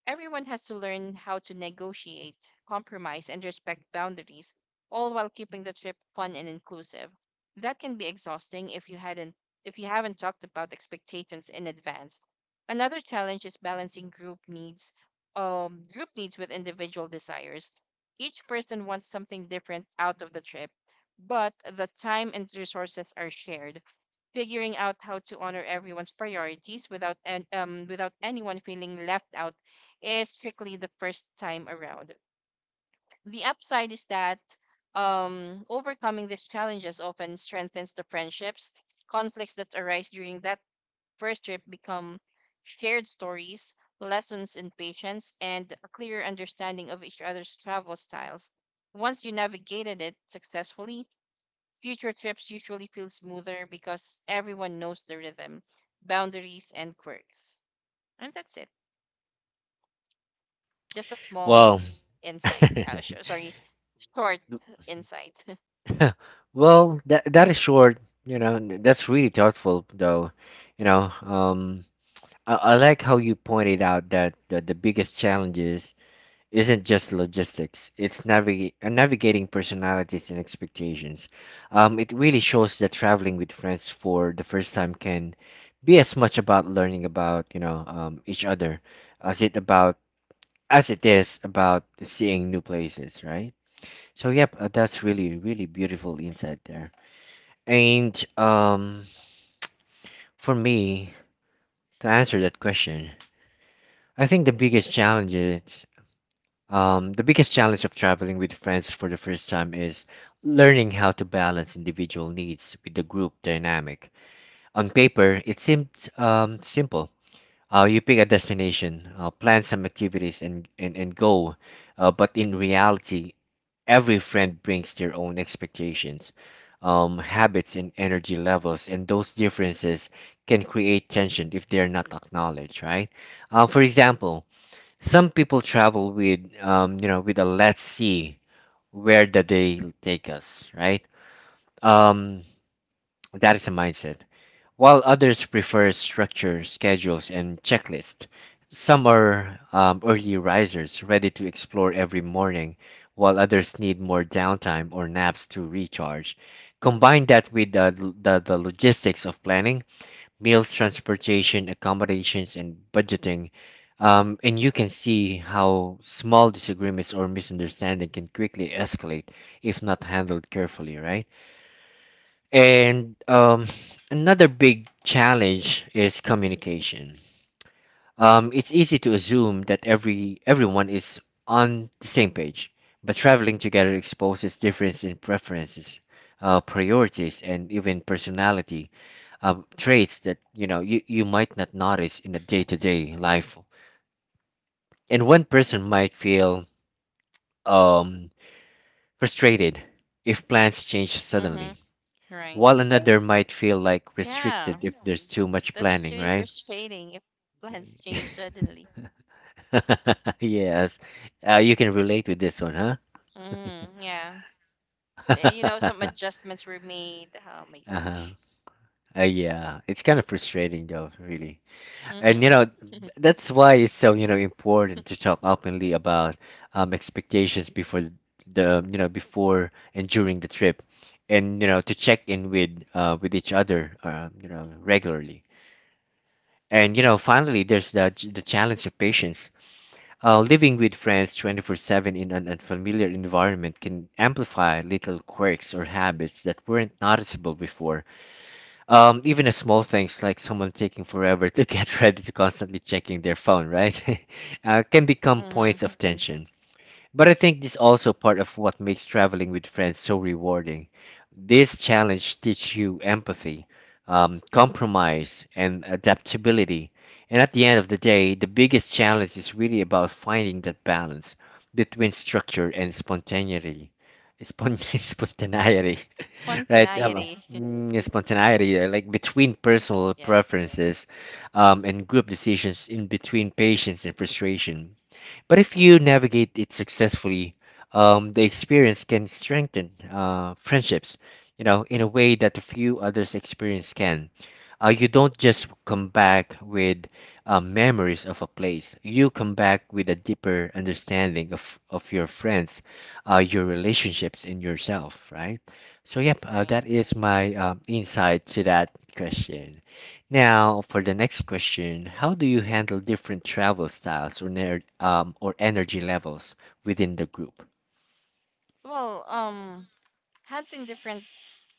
B: Everyone has to learn how to negotiate, compromise, and respect boundaries, all while keeping the trip fun and inclusive. That can be exhausting if you hadn't if you haven't talked about expectations in advance. Another challenge is balancing group needs, um, group needs with individual desires. Each person wants something different out of the trip, but the time and resources are shared, figuring out how to honor everyone's priorities without an, um without anyone feeling left out is strictly the first time around. The upside is that um, overcoming these challenges often strengthens the friendships. Conflicts that arise during that first trip become shared stories, lessons in patience, and a clear understanding of each other's travel styles. Once you navigated it successfully, future trips usually feel smoother because everyone knows the rhythm, boundaries, and quirks. And that's it. Just a small
A: Well,
B: insight. Uh, sh- sorry, short inside.
A: well, that that is short. You know, n- that's really thoughtful, though. You know, um, I, I like how you pointed out that the, the biggest challenges isn't just logistics. It's naviga- uh, navigating personalities and expectations. Um, it really shows that traveling with friends for the first time can be as much about learning about, you know, um, each other as it about as it is about seeing new places, right? So yep, uh, that's really really beautiful insight there. And um, for me to answer that question, I think the biggest challenges. Um, the biggest challenge of traveling with friends for the first time is learning how to balance individual needs with the group dynamic. On paper, it seems, um, simple. Uh, you pick a destination, uh, plan some activities, and, and, and go. Uh, but in reality, every friend brings their own expectations, um, habits, and energy levels, and those differences can create tension if they're not acknowledged, right? Uh, for example, some people travel with, um, you know, with a, let's see, where the day take us, right? Um, that is a mindset. While others prefer structure, schedules, and checklist. Some are, um, early risers, ready to explore every morning, while others need more downtime or naps to recharge. Combine that with the, the, the logistics of planning meals, transportation, accommodations, and budgeting. Um, and you can see how small disagreements or misunderstanding can quickly escalate if not handled carefully, right? And um, another big challenge is communication. Um, it's easy to assume that every everyone is on the same page, but traveling together exposes difference in preferences, uh, priorities, and even personality, um, traits that, you know, you, you might not notice in a day-to-day life, and one person might feel, um, frustrated if plans change
B: Mm-hmm.
A: suddenly
B: Right.
A: while another might feel like restricted
B: Yeah,
A: if there's too much
B: that's
A: planning,
B: really
A: right?
B: frustrating if plans change suddenly.
A: Yes, uh, you can relate with this one, huh?
B: Mm, yeah. Eh, You know, some
A: Uh-huh.
B: adjustments were made. Oh my
A: uh,
B: gosh.
A: yeah, it's kind of frustrating though, really. And you
B: Mm-hmm.
A: know, that's why it's so, you know, important to talk openly about, um, expectations before the, you know, before and during the trip, and, you know, to check in with, uh, with each other, uh, you know, regularly. And you know, finally, there's the the challenge of patience. Uh, living with friends twenty-four seven in an unfamiliar environment can amplify little quirks or habits that weren't noticeable before. Um, even a small things like someone taking forever to get ready, to constantly checking their phone, right? uh, can become
B: Mm-hmm.
A: points of tension. But I think this also part of what makes traveling with friends so rewarding. This challenge teach you empathy, um, compromise, and adaptability. And at the end of the day, the biggest challenge is really about finding that balance between structure and spontaneity. Spon- spontaneity, right? Um,
B: Spontaneity.
A: mm, spontaneity, uh, like between personal
B: Yeah.
A: preferences um, and group decisions, in between patience and frustration, but if you navigate it successfully, um, the experience can strengthen uh, friendships, you know, in a way that few others experience can. Uh, you don't just come back with uh, memories of a place. You come back with a deeper understanding of, of your friends, uh, your relationships, and yourself, right? So, yep, uh, that
B: Right.
A: is my um, insight to that question. Now, for the next question, how do you handle different travel styles or, ner- um, or energy levels within the group?
B: Well, um, Handling different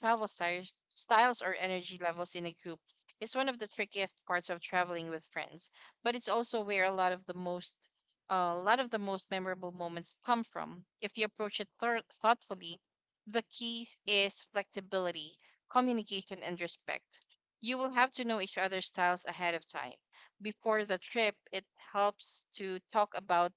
B: travel styles, styles or energy levels in a group is one of the trickiest parts of traveling with friends, but it's also where a lot of the most a lot of the most memorable moments come from. If you approach it thor- thoughtfully, the key is flexibility, communication, and respect. You will have to know each other's styles ahead of time. Before the trip, it helps to talk about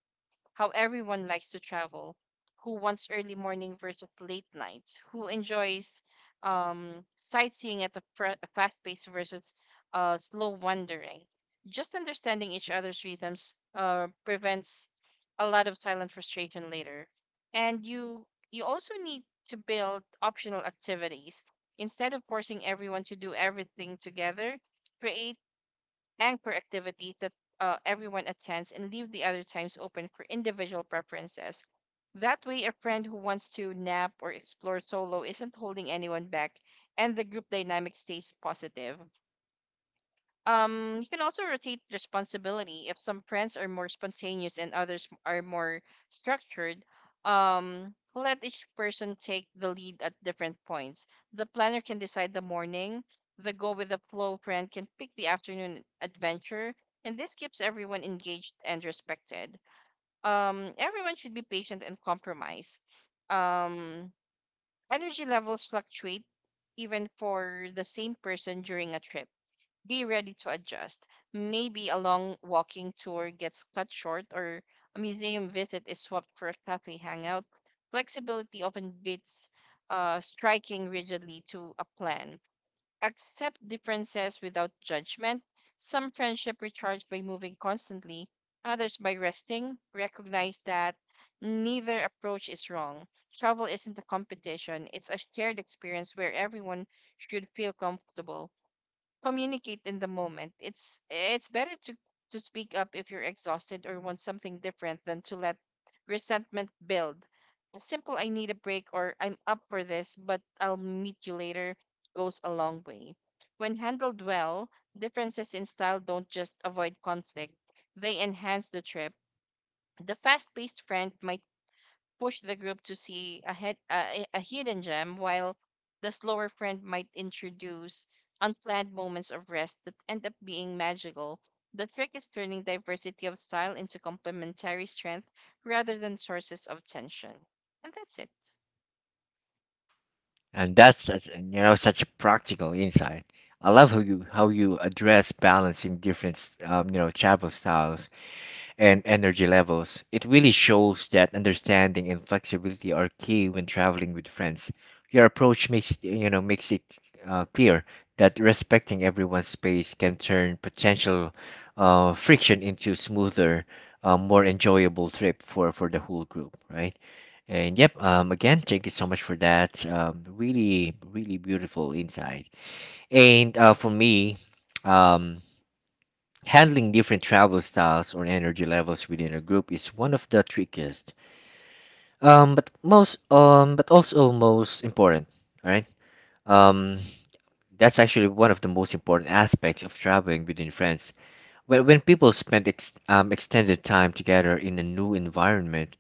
B: how everyone likes to travel, who wants early morning versus late nights, who enjoys um, sightseeing at the fr- fast pace versus uh, slow wandering. Just understanding each other's rhythms uh, prevents a lot of silent frustration later. And you you also need to build optional activities instead of forcing everyone to do everything together. Create anchor activities that uh, everyone attends, and leave the other times open for individual preferences. That way, a friend who wants to nap or explore solo isn't holding anyone back, and the group dynamic stays positive. Um, you can also rotate responsibility. If some friends are more spontaneous and others are more structured, um, let each person take the lead at different points. The planner can decide the morning, the go with the flow friend can pick the afternoon adventure, and this keeps everyone engaged and respected. Um, everyone should be patient and compromise. Um, energy levels fluctuate even for the same person during a trip, be ready to adjust. Maybe a long walking tour gets cut short or a museum visit is swapped for a cafe hangout. Flexibility often beats uh, striking rigidly to a plan. Accept differences without judgment. Some friendship recharge by moving constantly, others by resting. Recognize that neither approach is wrong. Travel isn't a competition, it's a shared experience where everyone should feel comfortable. Communicate in the moment. It's it's better to to speak up if you're exhausted or want something different than to let resentment build. A simple I need a break or I'm up for this, but I'll meet you later goes a long way. When handled well, differences in style don't just avoid conflict, they enhance the trip. The fast paced friend might push the group to see a, head, uh, a, a hidden gem, while the slower friend might introduce unplanned moments of rest that end up being magical. The trick is turning diversity of style into complementary strength rather than sources of tension. And that's it.
A: And that's such, and, you know, such a practical insight. I love how you how you address balancing different, um, you know, travel styles and energy levels. It really shows that understanding and flexibility are key when traveling with friends. Your approach makes, you know, makes it uh, clear that respecting everyone's space can turn potential uh, friction into smoother, uh, more enjoyable trip for for the whole group, right? And yep, um, again, thank you so much for that. Um, really, really beautiful insight. And uh, for me, um, handling different travel styles or energy levels within a group is one of the trickiest, um, but most, um, but also most important. All right. Um, that's actually one of the most important aspects of traveling within friends. When when people spend ex um, extended time together in a new environment,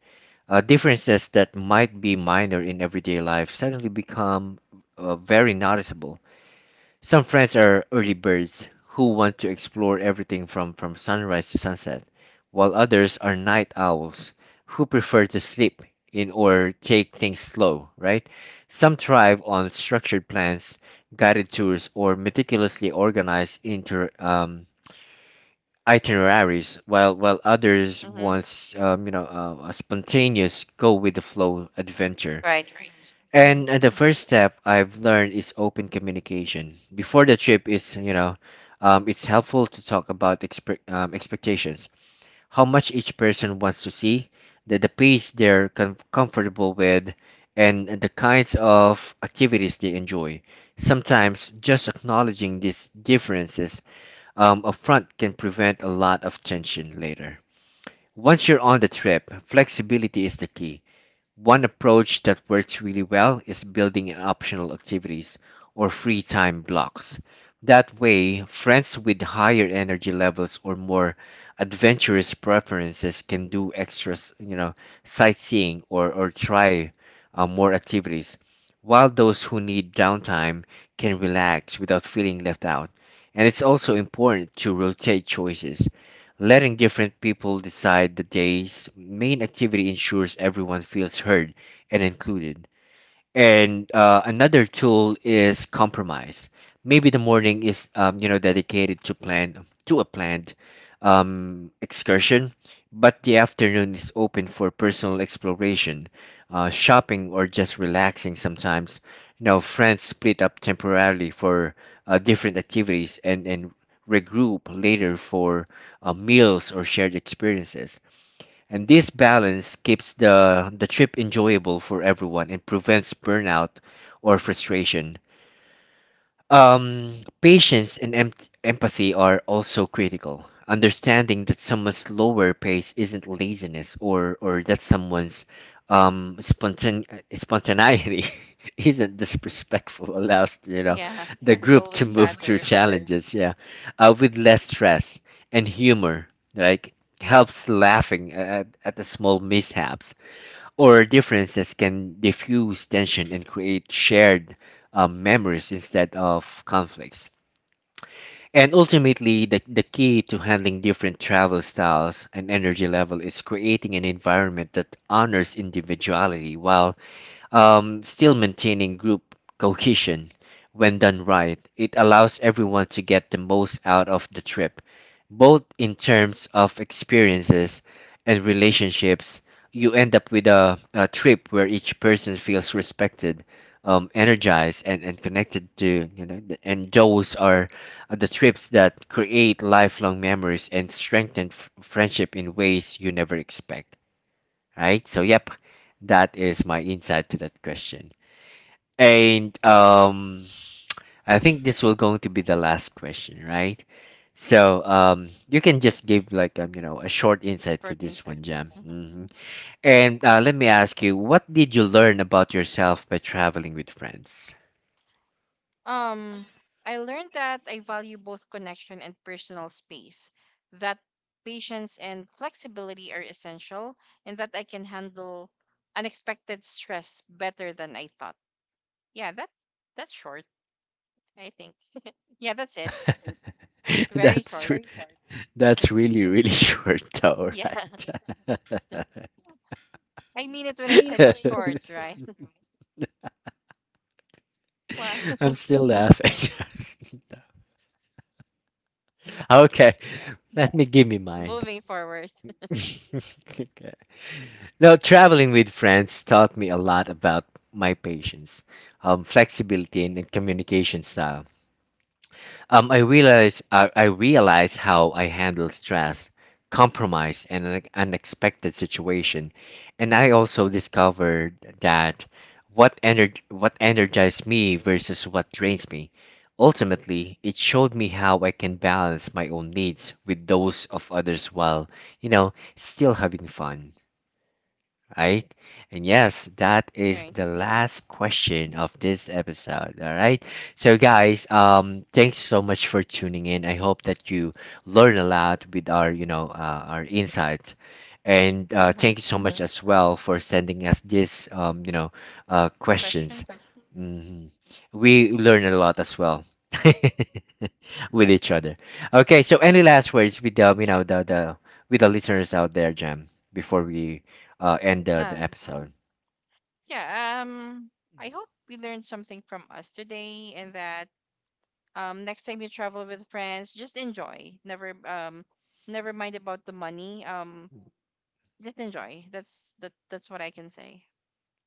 A: Uh, differences that might be minor in everyday life suddenly become uh, very noticeable. Some friends are early birds who want to explore everything from, from sunrise to sunset, while others are night owls who prefer to sleep in or take things slow, right? Some thrive on structured plans, guided tours, or meticulously organized inter, um, itineraries, while while others
B: Mm-hmm.
A: wants, um, you know, uh, a spontaneous go with the flow adventure.
B: Right, right. Mm-hmm.
A: And, and the first step I've learned is open communication. Before the trip, is, you know, um, it's helpful to talk about expe- um, expectations, how much each person wants to see, the the pace they're com- comfortable with, and, and the kinds of activities they enjoy. Sometimes just acknowledging these differences um, upfront can prevent a lot of tension later. Once you're on the trip, flexibility is the key. One approach that works really well is building in optional activities or free time blocks. That way, friends with higher energy levels or more adventurous preferences can do extras, you know, sightseeing or, or try uh, more activities, while those who need downtime can relax without feeling left out. And it's also important to rotate choices. Letting different people decide the day's main activity ensures everyone feels heard and included. And uh, another tool is compromise. Maybe the morning is, um, you know, dedicated to plan to a planned um, excursion, but the afternoon is open for personal exploration, uh, shopping, or just relaxing. Sometimes, you know, friends split up temporarily for uh, different activities, and and regroup later for uh, meals or shared experiences, and this balance keeps the, the trip enjoyable for everyone and prevents burnout or frustration. Um, patience and em- empathy are also critical. Understanding that someone's slower pace isn't laziness, or or that someone's um spontan spontaneity isn't disrespectful allows, you know,
B: Yeah,
A: the
B: you
A: group to
B: always
A: move through
B: stutter
A: challenges. Yeah, uh, with less stress and humor, like helps laughing at at the small mishaps or differences can diffuse tension and create shared, um, memories instead of conflicts. And ultimately, the, the key to handling different travel styles and energy level is creating an environment that honors individuality while um, still maintaining group cohesion. When done right, it allows everyone to get the most out of the trip, both in terms of experiences and relationships. You end up with a, a trip where each person feels respected, um, energized, and, and connected to, you know, th- and those are the trips that create lifelong memories and strengthen f- friendship in ways you never expect, right? So yep, that is my insight to that question. And um, I think this will going to be the last question, right? So um, you can just give like, um, you know, a short insight
B: for
A: for this
B: insight.
A: one, Jam.
B: Mm-hmm.
A: Hmm. And uh, let me ask you, what did you learn about yourself by traveling with friends?
B: Um, I learned that I value both connection and personal space, that patience and flexibility are essential, and that I can handle unexpected stress better than I thought. Yeah, that that's short, I think. Yeah, that's it. Very
A: That's
B: short.
A: re- that's really really short, though,
B: Yeah.
A: right?
B: I mean it when I said it's short, right? Why?
A: I'm still laughing. Okay,
B: Yeah.
A: let me give me mine.
B: Moving forward.
A: Okay. Now, traveling with friends taught me a lot about my patience, um, flexibility, and, and communication style. Um, I realize uh, I realize how I handle stress, compromise, and an unexpected situation, and I also discovered that what ener what energized me versus what drains me. Ultimately, it showed me how I can balance my own needs with those of others while, you know, still having fun, right? And yes, that is
B: Right.
A: the last
B: Mm-hmm.
A: question of this episode, all right? So guys, um thanks so much for tuning in. I hope that you learn a lot with our, you know, uh, our insights. And uh,
B: Mm-hmm.
A: thank you so much as well for sending us these, um, you know, uh, questions.
B: Questions?
A: Hmm. We learn a lot as well. with each other. Okay, so
B: Yeah.
A: any last words with the, you know, the the with the listeners out there, Jam, before we uh, end the, the
B: Um,
A: episode.
B: Yeah, um, I hope we learned something from us today, and that um next time you travel with friends, just enjoy. Never um never mind about the money. Um just enjoy. That's that that's what I can say.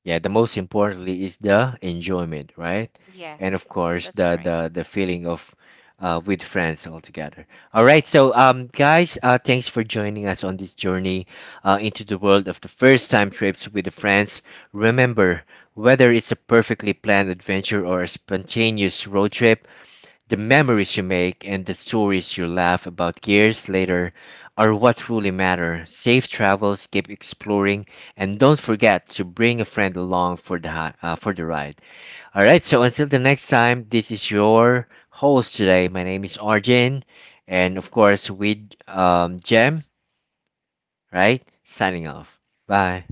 A: Yeah, the most importantly is the enjoyment, right? And of
B: Yes,
A: course
B: that's
A: the
B: right.
A: the the feeling of uh, with friends all together. All right,
B: Right.
A: so um, guys, uh, thanks for joining us on this journey uh, into the world of the first time trips with the friends. Remember, whether it's a perfectly planned adventure or a spontaneous road trip, the memories you make and the stories you laugh about years later are what truly matter. Safe travels, keep exploring, and don't forget to bring a friend along for the hi- uh, for the ride. All right, so until the next time, this is your host today. My name is Arjun, and of course with, um, Jem, right? Signing off. Bye.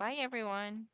B: Bye everyone.